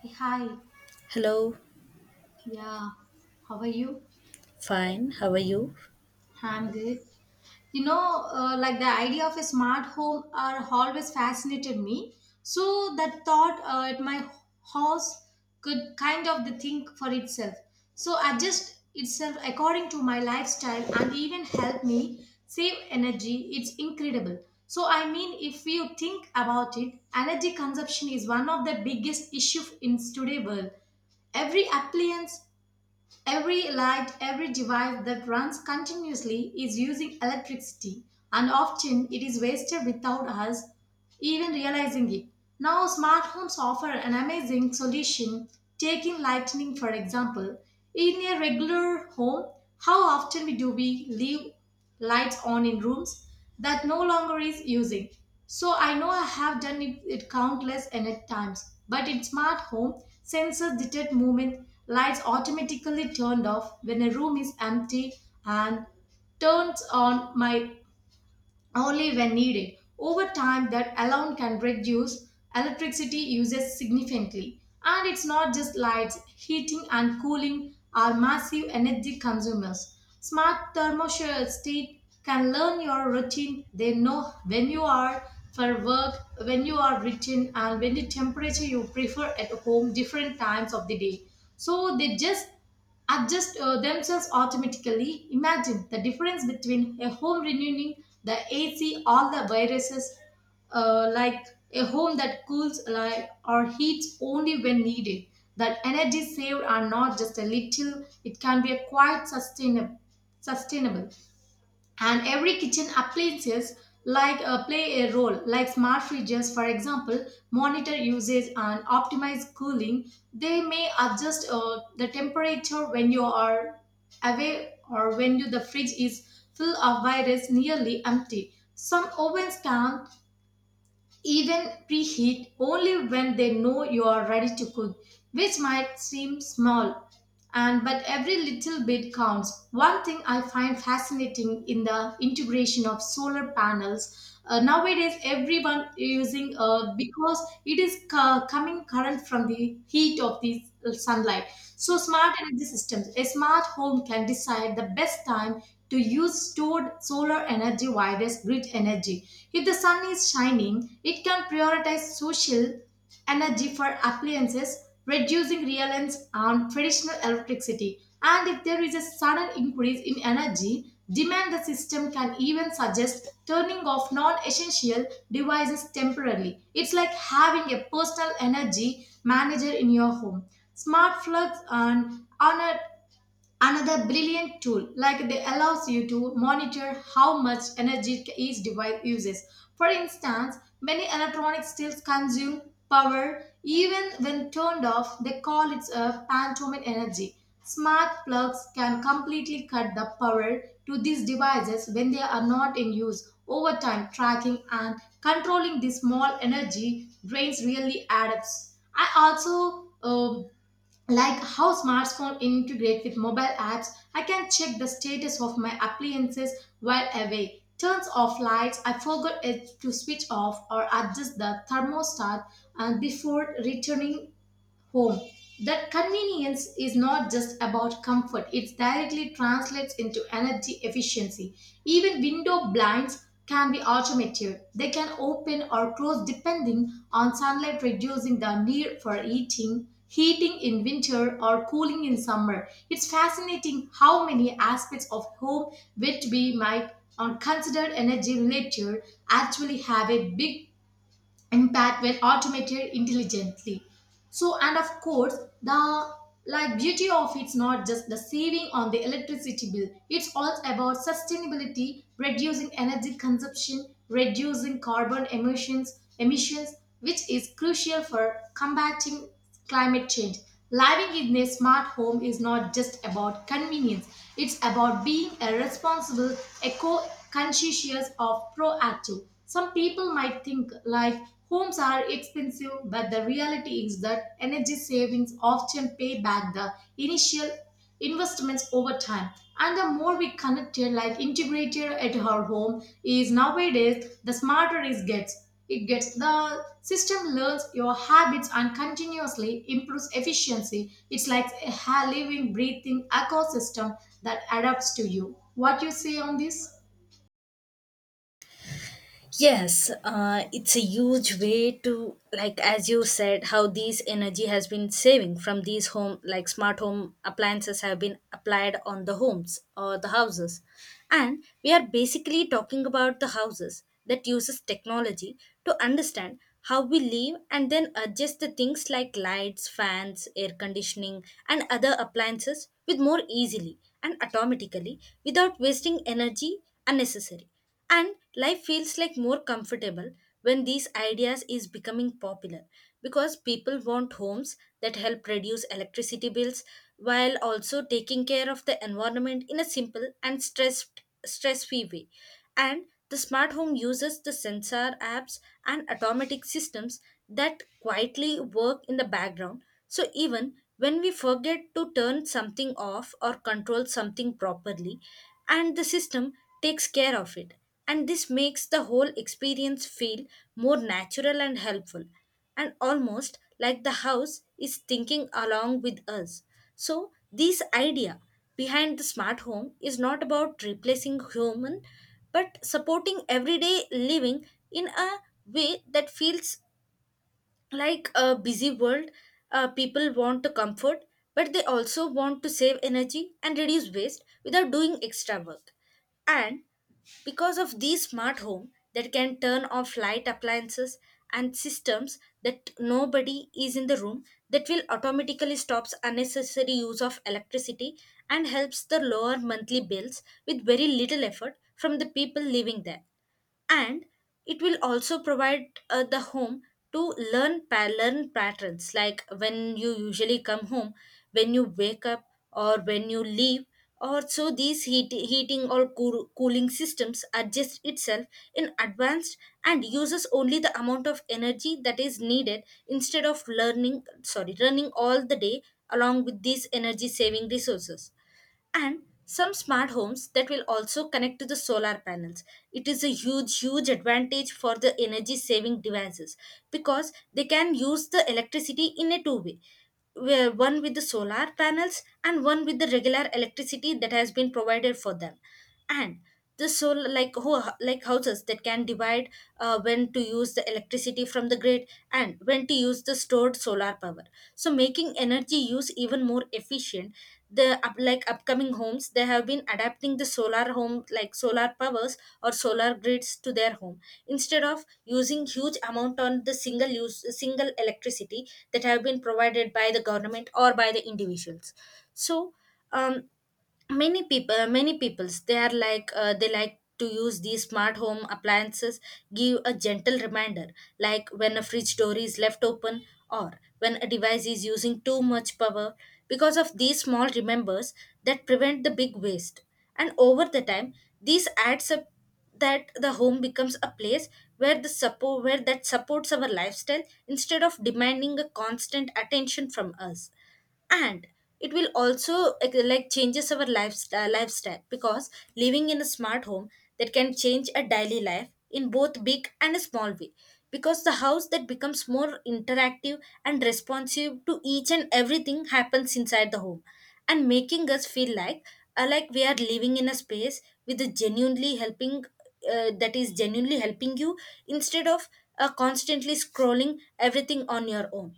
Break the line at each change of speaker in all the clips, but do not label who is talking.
Hey, hi.
Hello,
Yeah. How are you?
fine. How are you?
I'm good. Like the idea of a smart home are always fascinated me. So that thought at my house could kind of the think for itself. So adjust itself according to my lifestyle and even help me save energy. It's incredible. If you think about it, energy consumption is one of the biggest issue in today's world every appliance Every light, every device that runs continuously is using electricity, and often it is wasted without us even realizing it. Now, smart homes offer an amazing solution. Taking lighting, for example, in a regular home, how often we do we leave lights on in rooms that no longer is using? So I know I have done it countless and at times, but in smart home, sensors detect movement, lights automatically turned off when a room is empty and turns on my only when needed. Over time, that alone can reduce electricity uses significantly. And it's not just lights, heating and cooling are massive energy consumers. Smart thermostat can learn your routine. They know when you are for work, when you are written, and when the temperature you prefer at home, different times of the day. So they just adjust themselves automatically. Imagine the difference between a home renewing the AC, all the viruses, like a home that cools like, or heats only when needed. That energy saved are not just a little; it can be a quite sustainable. And every kitchen appliances like play a role like smart fridges, for example, monitor usage and optimize cooling. They may adjust the temperature when you are away or when the fridge is full of virus nearly empty. Some ovens can even preheat only when they know you are ready to cook, which might seem small, and but every little bit counts. One thing I find fascinating in the integration of solar panels, nowadays everyone using because it is coming current from the heat of the sunlight. So smart energy systems, a smart home can decide the best time to use stored solar energy via this grid energy. If the sun is shining, it can prioritize social energy for appliances, reducing reliance on traditional electricity. And if there is a sudden increase in energy demand, the system can even suggest turning off non essential devices temporarily. It's like having a personal energy manager in your home. Smart plugs and on another brilliant tool, like they allows you to monitor how much energy each device uses. For instance, many electronics still consume power even when turned off. They call it a phantom energy. Smart plugs can completely cut the power to these devices when they are not in use. Over time, tracking and controlling these small energy drains really adds. I also like how smartphone integrate with mobile apps. I can check the status of my appliances while away, turns off lights I forgot it to switch off, or adjust the thermostat and before returning home. That convenience is not just about comfort, it directly translates into energy efficiency. Even window blinds can be automated. They can open or close depending on sunlight, reducing the need for heating in winter or cooling in summer. It's fascinating how many aspects of home which we might on considered energy related actually have a big impact when automated intelligently. So and of course the like beauty of it's not just the saving on the electricity bill, it's all about sustainability, reducing energy consumption, reducing carbon emissions which is crucial for combating climate change. Living in a smart home is not just about convenience, it's about being a responsible, eco conscientious, or proactive. Some people might think like homes are expensive, but the reality is that energy savings often pay back the initial investments over time. And the more we connect your life integrated at our home is nowadays, the smarter it gets. It gets the system learns your habits and continuously improves efficiency. It's like a living, breathing ecosystem that adapts to you. What you say on this?
Yes, it's a huge way to, like as you said, how these energy has been saving from these home, like smart home appliances have been applied on the homes or the houses, and we are basically talking about the houses that uses technology to understand how we live and then adjust the things like lights, fans, air conditioning, and other appliances with more easily and automatically without wasting energy unnecessary. And life feels like more comfortable when these ideas is becoming popular because people want homes that help reduce electricity bills while also taking care of the environment in a simple and stress free way. And the smart home uses the sensor apps and automatic systems that quietly work in the background, so even when we forget to turn something off or control something properly, and the system takes care of it, and this makes the whole experience feel more natural and helpful, and almost like the house is thinking along with us. So this idea behind the smart home is not about replacing human but supporting everyday living in a way that feels like a busy world. People want to comfort, but they also want to save energy and reduce waste without doing extra work. And because of these smart home that can turn off light appliances and systems that nobody is in the room, that will automatically stops unnecessary use of electricity and helps the lower monthly bills with very little effort from the people living there. And it will also provide, the home to learn patterns like when you usually come home, when you wake up, or when you leave. Or so these heating or cooling systems adjust itself in advance and uses only the amount of energy that is needed instead of learning, sorry, running all the day along with these energy saving resources. And some smart homes that will also connect to the solar panels. It is a huge advantage for the energy saving devices because they can use the electricity in a two way, where one with the solar panels and one with the regular electricity that has been provided for them. And the solar, like houses that can divide, when to use the electricity from the grid and when to use the stored solar power, so making energy use even more efficient. The up, like upcoming homes, they have been adapting the solar home, like solar powers or solar grids to their home instead of using huge amount on the single use single electricity that have been provided by the government or by the individuals. So um, many peoples they are like, they like to use these smart home appliances, give a gentle reminder like when a fridge door is left open or when a device is using too much power. Because of these small remembers that prevent the big waste, and over the time these adds up, that the home becomes a place where the support, where that supports our lifestyle instead of demanding a constant attention from us. And it will also like, changes our lifestyle because living in a smart home that can change a daily life in both big and a small way, because the house that becomes more interactive and responsive to each and everything happens inside the home, and making us feel like, we are living in a space with a genuinely helping, that is genuinely helping you instead of, constantly scrolling everything on your own.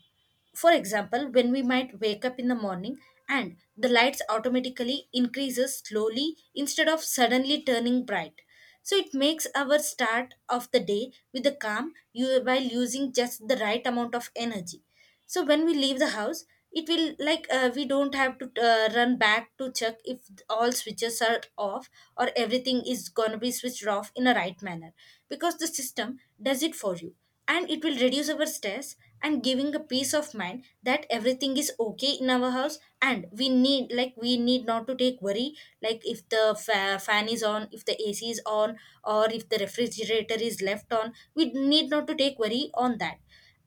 For example, when we might wake up in the morning and the lights automatically increases slowly instead of suddenly turning bright, so it makes our start of the day with a calm you while using just the right amount of energy. So when we leave the house, it will like, we don't have to, run back to check if all switches are off or everything is going to be switched off in a right manner, because the system does it for you, and it will reduce our stress and giving a peace of mind that everything is okay in our house, and we need not to take worry like if the fan is on, if the AC is on, or if the refrigerator is left on, we need not to take worry on that.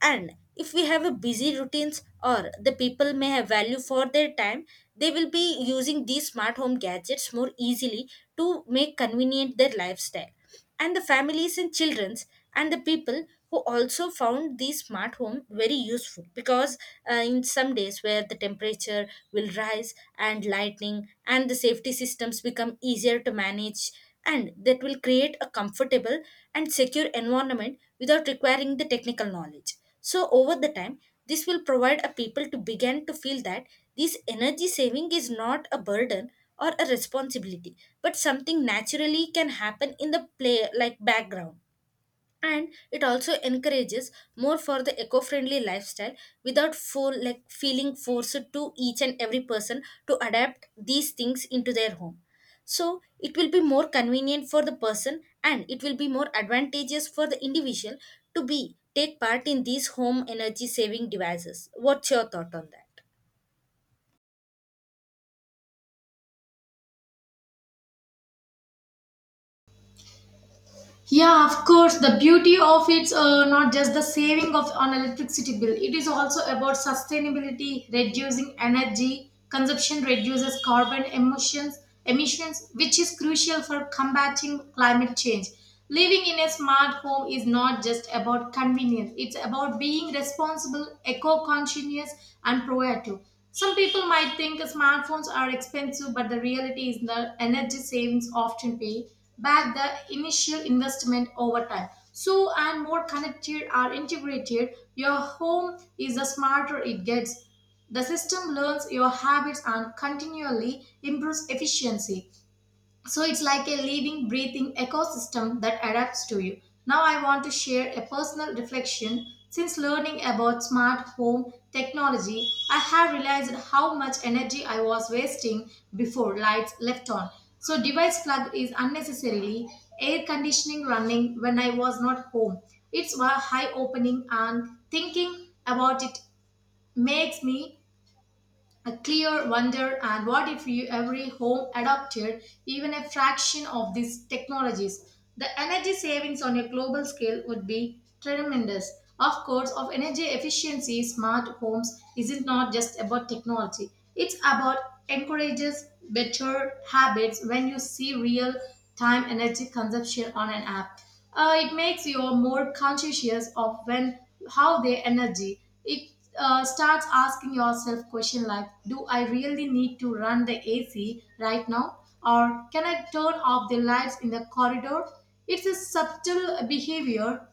And if we have a busy routines, or the people may have value for their time, they will be using these smart home gadgets more easily to make convenient their lifestyle. And the families and childrens and the people who also found these smart home very useful, because in some days where the temperature will rise, and lightning and the safety systems become easier to manage, and that will create a comfortable and secure environment without requiring the technical knowledge. So over the time, this will provide a people to begin to feel that this energy saving is not a burden or a responsibility, but something naturally can happen in the play like background. And it also encourages more for the eco-friendly lifestyle without for like feeling forced to each and every person to adapt these things into their home. So it will be more convenient for the person, and it will be more advantageous for the individual to be take part in these home energy saving devices. What's your thought on that?
Yeah, of course. The beauty of it's not just the saving of on electricity bill. It is also about sustainability, reducing energy consumption, reduces carbon emissions, which is crucial for combating climate change. Living in a smart home is not just about convenience. It's about being responsible, eco-conscious, and proactive. Some people might think smartphones are expensive, but the reality is the energy savings often pay back the initial investment over time. So, and more connected or integrated, your home is the smarter it gets. The system learns your habits and continually improves efficiency. So it's like a living, breathing ecosystem that adapts to you. Now I want to share a personal reflection. Since learning about smart home technology, I have realized how much energy I was wasting before, lights left on. So device plug is unnecessarily, air conditioning running when I was not home. It's a high opening, and thinking about it makes me a clear wonder. And what if you every home adopted even a fraction of these technologies, the energy savings on a global scale would be tremendous. Of course of energy efficiency, smart homes isn't not just about technology. It's about encourages better habits. When you see real time energy consumption on an app, it makes you more conscious of when how they energy. It starts asking yourself question like, do I really need to run the AC right now, or can I turn off the lights in the corridor? It's a subtle behavior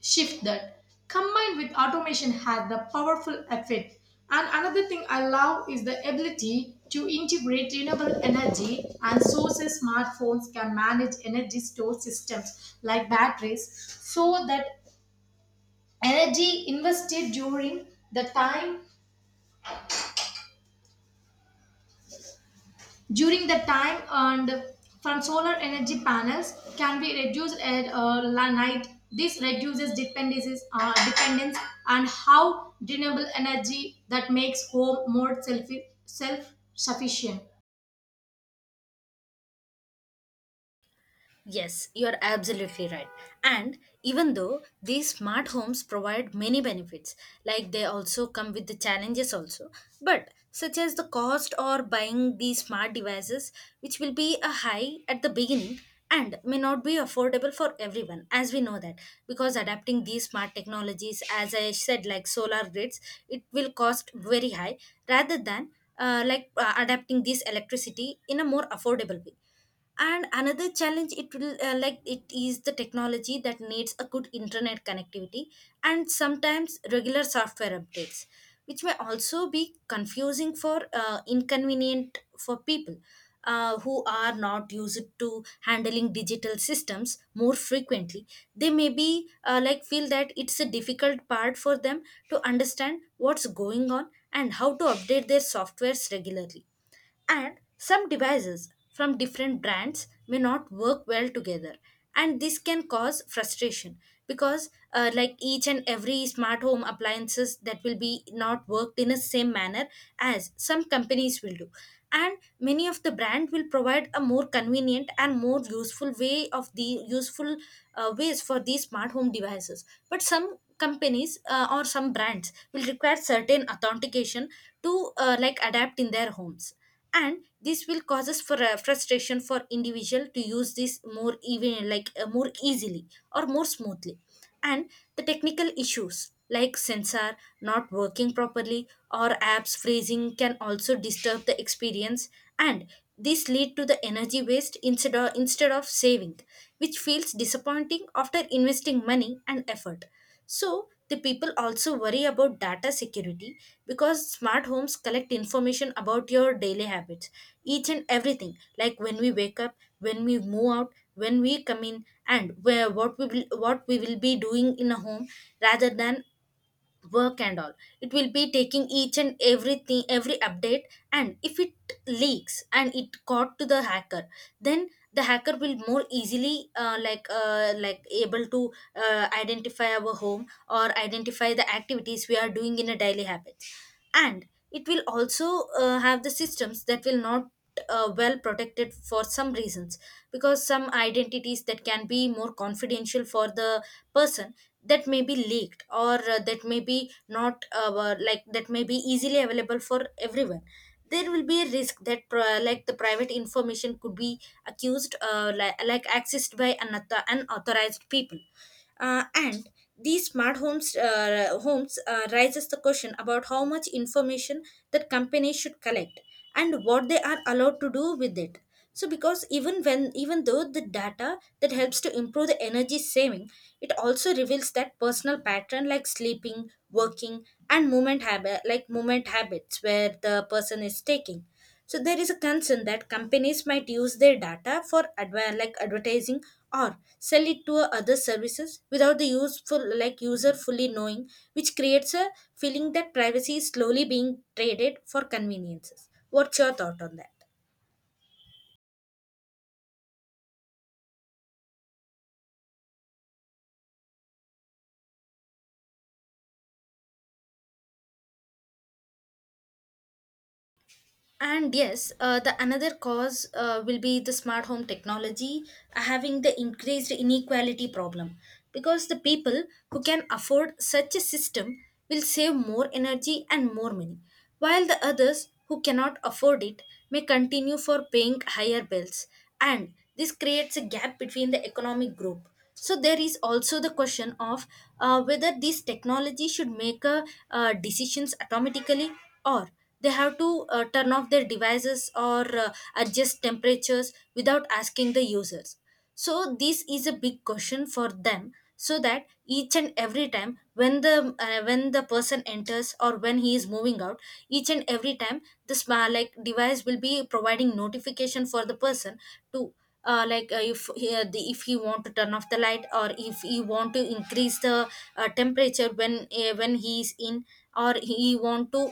shift that combined with automation had the powerful effect. And another thing I love is the ability to integrate renewable energy and sources. Smartphones can manage energy store systems like batteries so that energy invested the time During the time earned from solar energy panels can be reduced at night. This reduces dependence. And how renewable energy that makes home more self sufficient.
Yes, you're absolutely right. And even though these smart homes provide many benefits, like they also come with the challenges also, but such as the cost or buying these smart devices, which will be a high at the beginning and may not be affordable for everyone, as we know that. Because adapting these smart technologies, as I said, like solar grids, it will cost very high rather than, adapting this electricity in a more affordable way. And another challenge, it will it is the technology that needs a good internet connectivity and sometimes regular software updates, which may also be confusing for, inconvenient for people, who are not used to handling digital systems more frequently. They may be, feel that it's a difficult part for them to understand what's going on and how to update their softwares regularly. And some devices from different brands may not work well together, and this can cause frustration because, each and every smart home appliances that will be not worked in the same manner as some companies will do. And many of the brand will provide a more convenient and more useful way of the useful, ways for these smart home devices. But some companies, or some brands will require certain authentication to, adapt in their homes, and this will causes for a frustration for individual to use this more even like, more easily or more smoothly. And the technical issues like sensor not working properly or apps freezing can also disturb the experience, and this lead to the energy waste instead of saving, which feels disappointing after investing money and effort. So the people also worry about data security because smart homes collect information about your daily habits, each and everything, like when we wake up, when we move out, when we come in, and where what we will be doing in a home rather than work and all. It will be taking each and everything, every update. And if it leaks and it caught to the hacker, then the hacker will more easily, able to, identify our home or identify the activities we are doing in a daily habit. And it will also, have the systems that will not, well protected for some reasons, because some identities that can be more confidential for the person, that may be leaked or, that may be not like that may be easily available for everyone. There will be a risk that, the private information could be accused, accessed by another unauthorized people. And these smart homes raises the question about how much information that companies should collect and what they are allowed to do with it. So because even when, even though the data that helps to improve the energy saving, it also reveals that personal pattern like sleeping, working, and movement habits where the person is taking. So there is a concern that companies might use their data for advertising or sell it to other services without the useful like user fully knowing, which creates a feeling that privacy is slowly being traded for conveniences. What's your thought on that? And yes, the another cause will be the smart home technology having the increased inequality problem because the people who can afford such a system will save more energy and more money, while the others who cannot afford it may continue for paying higher bills. And this creates a gap between the economic group. So there is also the question of whether this technology should make decisions automatically or they have to turn off their devices or adjust temperatures without asking the users, so this is a big question for them, so that each and every time when the person enters or when he is moving out. Each and every time this like device will be providing notification for the person to if if he want to turn off the light, or if he want to increase the temperature when he is in, or he want to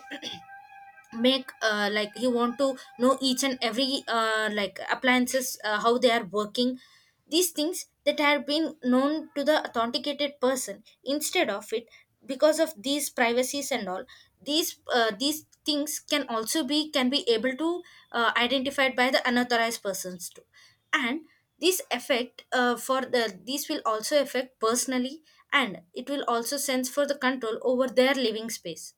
make like he want to know each and every like appliances how they are working. These things that have been known to the authenticated person instead of it, because of these privacies and all, these things can also be can be able to identified by the unauthorized persons too. And this effect for the this will also affect personally, and it will also sense for the control over their living space.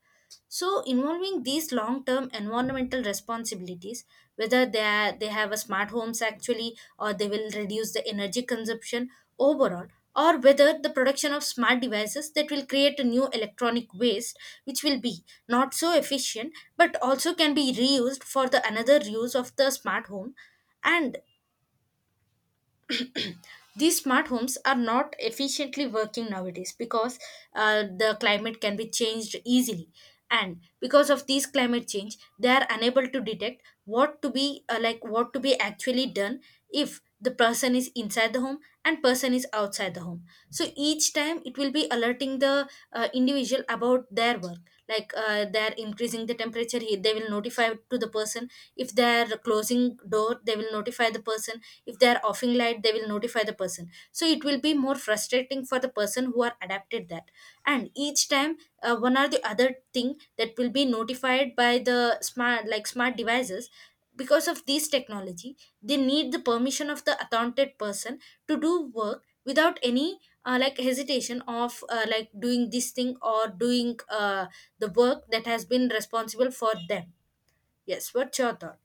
So involving these long-term environmental responsibilities, whether they have a smart homes actually, or they will reduce the energy consumption overall, or whether the production of smart devices that will create a new electronic waste, which will be not so efficient, but also can be reused for the another use of the smart home. And these smart homes are not efficiently working nowadays because the climate can be changed easily, and because of these climate change they are unable to detect what to be like what to be actually done if the person is inside the home and person is outside the home. So each time it will be alerting the individual about their work, like they're increasing the they will notify to the person. If they're closing door, they will notify the person. If they're offing light, they will notify the person. So it will be more frustrating for the person who are adapted that. And each time one or the other thing that will be notified by the smart devices. Because of this technology, they need the permission of the accounted person to do work without any like hesitation of like doing this thing or doing the work that has been responsible for them. Yes, what's your thought?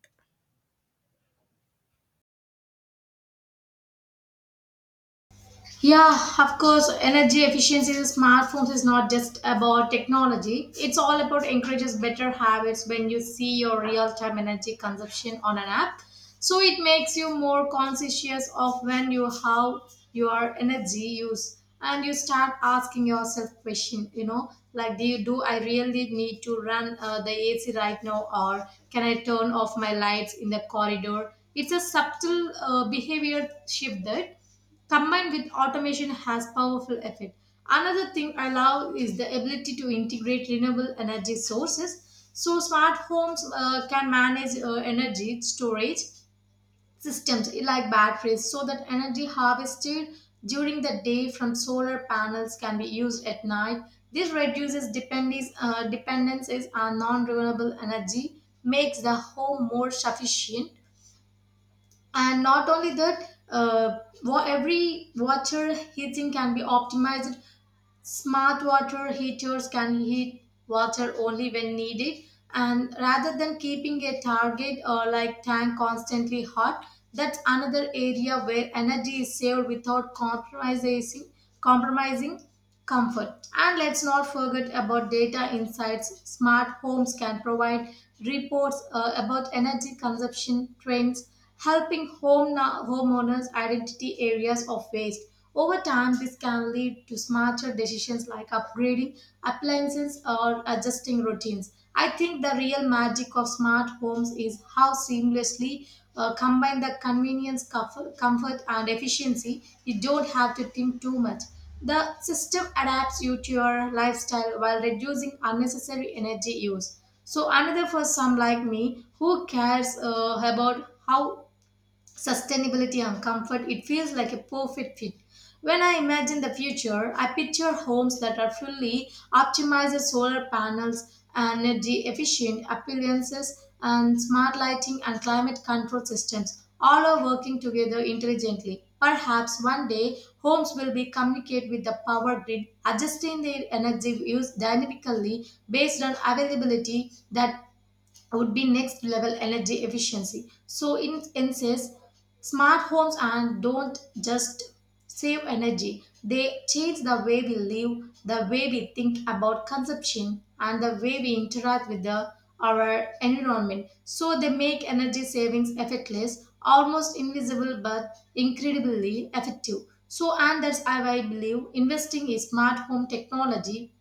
Yeah, of course, energy efficiency in smartphones is not just about technology. It's all about encourages better habits when you see your real-time energy consumption on an app. So it makes you more conscious of when you how your energy use. And you start asking yourself question, you know, like do you, do I really need to run the AC right now, or can I turn off my lights in the corridor? It's a subtle behavior shift that combined with automation has powerful effect. Another thing I love is the ability to integrate renewable energy sources. So smart homes can manage energy storage systems like batteries, so that energy harvested during the day from solar panels can be used at night. This reduces dependencies on non-renewable energy, makes the home more sufficient. And not only that, every watcher heating can be optimized. Smart water heaters can heat water only when needed, and rather than keeping a target or like tank constantly hot, that's another area where energy is saved without compromising comfort. And let's not forget about data insights. Smart homes can provide reports about energy consumption trends, helping homeowners identity areas of waste. Over time, this can lead to smarter decisions like upgrading appliances or adjusting routines. I think the real magic of smart homes is how seamlessly combine the convenience, comfort, and efficiency. You don't have to think too much. The system adapts you to your lifestyle while reducing unnecessary energy use. So another for some like me who cares about how sustainability and comfort, it feels like a perfect fit. When I imagine the future, I picture homes that are fully optimized with solar panels, energy efficient appliances, and smart lighting and climate control systems. All are working together intelligently. Perhaps one day homes will be communicate with the power grid, adjusting their energy use dynamically based on availability. That would be next level energy efficiency. So in essence, smart homes and don't just save energy. They change the way we live, the way we think about consumption, and the way we interact with the our environment. So they make energy savings effortless, almost invisible but incredibly effective. So and that's why I believe investing in smart home technology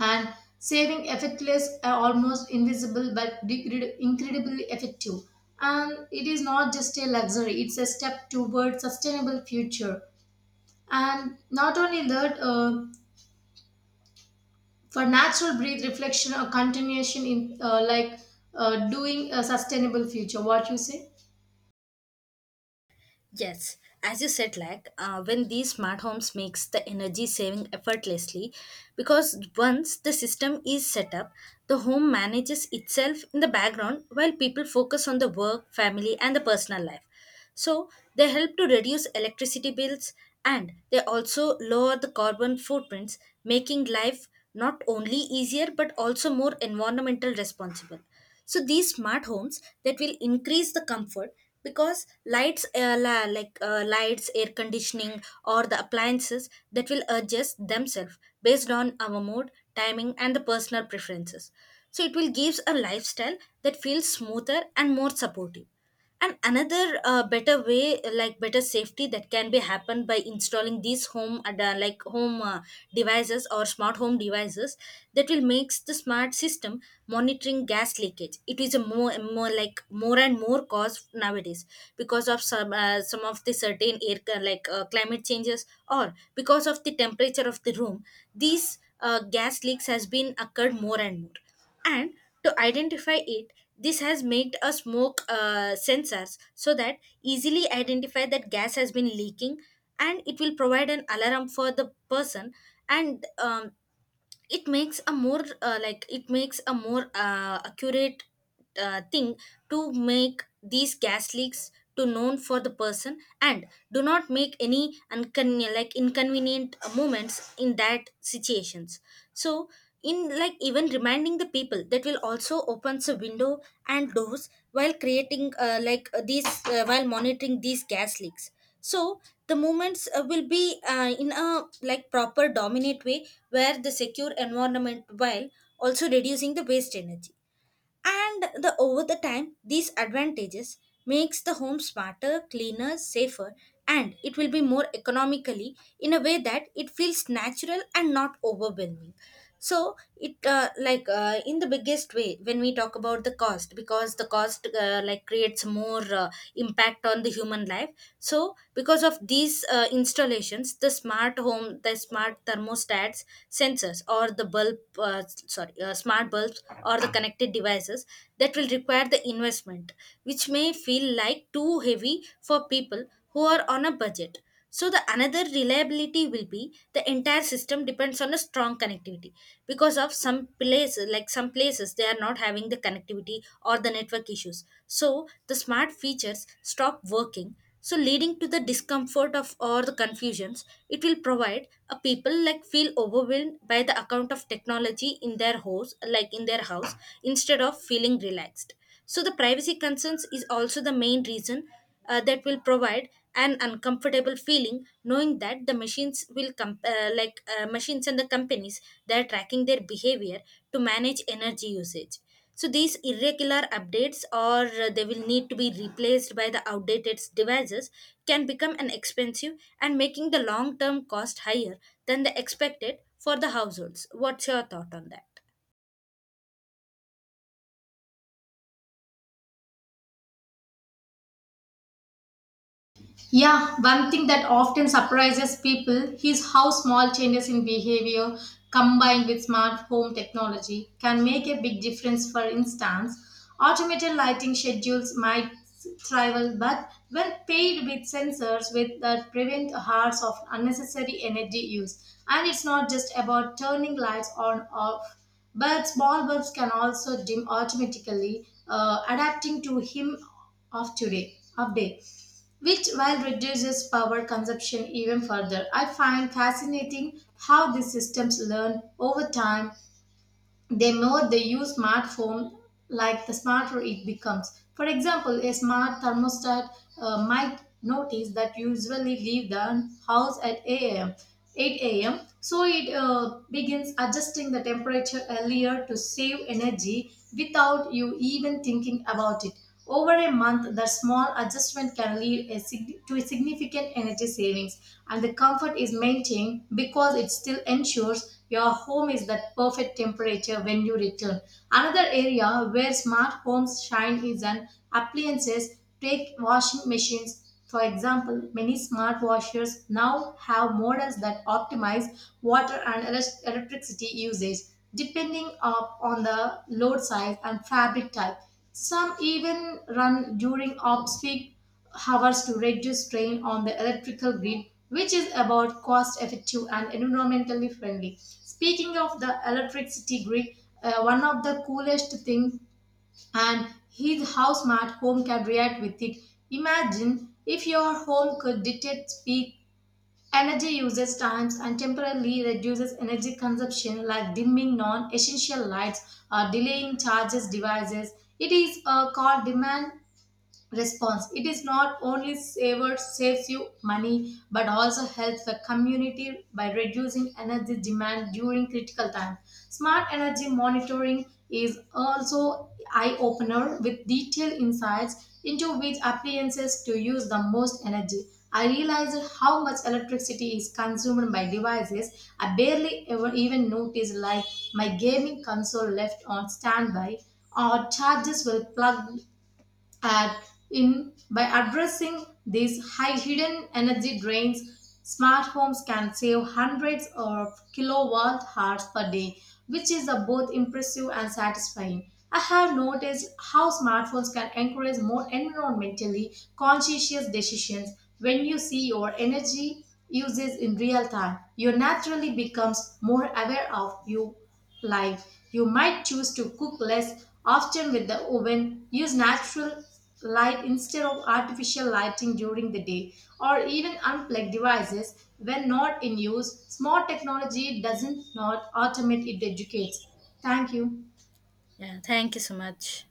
and saving effortless are almost invisible but incredibly effective. And it is not just a luxury, it's a step toward sustainable future. And not only that, for natural breathe reflection or continuation in doing a sustainable future, what you say?
Yes, as you said, like when these smart homes makes the energy saving effortlessly, because once the system is set up, the home manages itself in the background while people focus on the work, family, and the personal life. So they help to reduce electricity bills, and they also lower the carbon footprints, making life not only easier but also more environmental responsible. So these smart homes that will increase the comfort, because lights lights, air conditioning, or the appliances that will adjust themselves based on our mood, timing, and the personal preferences. So it will gives a lifestyle that feels smoother and more supportive. And another better way, like better safety, that can be happened by installing these home ad- like home devices or smart home devices, that will makes the smart system monitoring gas leakage. It is a more and more cause nowadays, because of some of the certain air c- like climate changes, or because of the temperature of the room, these gas leaks has been occurred more and more. And to identify it, this has made a smoke sensors, so that easily identify that gas has been leaking, and it will provide an alarm for the person. And it makes a more like it makes a more accurate thing to make these gas leaks to known for the person and do not make any inconvenient moments in that situations. So, in like, even reminding the people that will also opens the window and doors, while creating like these while monitoring these gas leaks. So the movements will be in a like proper dominant way where the secure environment, while also reducing the waste energy. And the over the time, these advantages makes the home smarter, cleaner, safer, and it will be more economically in a way that it feels natural and not overwhelming. So it like in the biggest way when we talk about the cost, because the cost like creates more impact on the human life. So because of these installations, the smart thermostats, sensors, or the bulb sorry smart bulbs, or the connected devices that will require the investment, which may feel like too heavy for people who are on a budget. So the another reliability will be the entire system depends on a strong connectivity, because of some places they are not having the connectivity or the network issues. So the smart features stop working, so leading to the discomfort of or the confusions, it will provide a people like feel overwhelmed by the account of technology in their house instead of feeling relaxed. So the privacy concerns is also the main reason that will provide an uncomfortable feeling knowing that the machines and the companies, they are tracking their behavior to manage energy usage. So these irregular updates, or they will need to be replaced by the outdated devices, can become an expensive and making the long term cost higher than the expected for the households. What's your thought on that?
Yeah, one thing that often surprises people is how small changes in behavior combined with smart home technology can make a big difference. For instance, automated lighting schedules might thrive, but when paired with sensors with that prevent hours of unnecessary energy use. And it's not just about turning lights on off, but small bulbs can also dim automatically, adapting to him of today of day which while reduces power consumption even further. I find fascinating how these systems learn over time. The more they use smartphone, like the smarter it becomes. For example, a smart thermostat might notice that you usually leave the house at 8 a.m. So it begins adjusting the temperature earlier to save energy without you even thinking about it. Over a month, that small adjustment can lead a to a significant energy savings, and the comfort is maintained because it still ensures your home is that perfect temperature when you return. Another area where smart homes shine is on appliances. Take washing machines, for example, many smart washers now have models that optimize water and electricity usage depending up on the load size and fabric type. Some even run during off-peak hours to reduce strain on the electrical grid, which is about cost-effective and environmentally friendly. Speaking of the electricity grid, one of the coolest things and is how smart home can react with it. Imagine if your home could detect peak energy uses times and temporarily reduces energy consumption like dimming non-essential lights or delaying charges devices. It is called demand response. It is not only saver saves you money but also helps the community by reducing energy demand during critical time. Smart energy monitoring is also eye opener with detailed insights into which appliances to use the most energy. I realized how much electricity is consumed by devices I barely ever even noticed, like my gaming console left on standby or charges will plug at in. By addressing these high hidden energy drains, smart homes can save hundreds of kilowatt hours per day, which is a both impressive and satisfying. I have noticed how smartphones can encourage more environmentally conscious decisions. When you see your energy uses in real time, you naturally becomes more aware of you life. You might choose to cook less often with the oven, use natural light instead of artificial lighting during the day, or even unplug devices when not in use. Smart technology doesn't not automate, it educates. Thank you.
Yeah, thank you so much.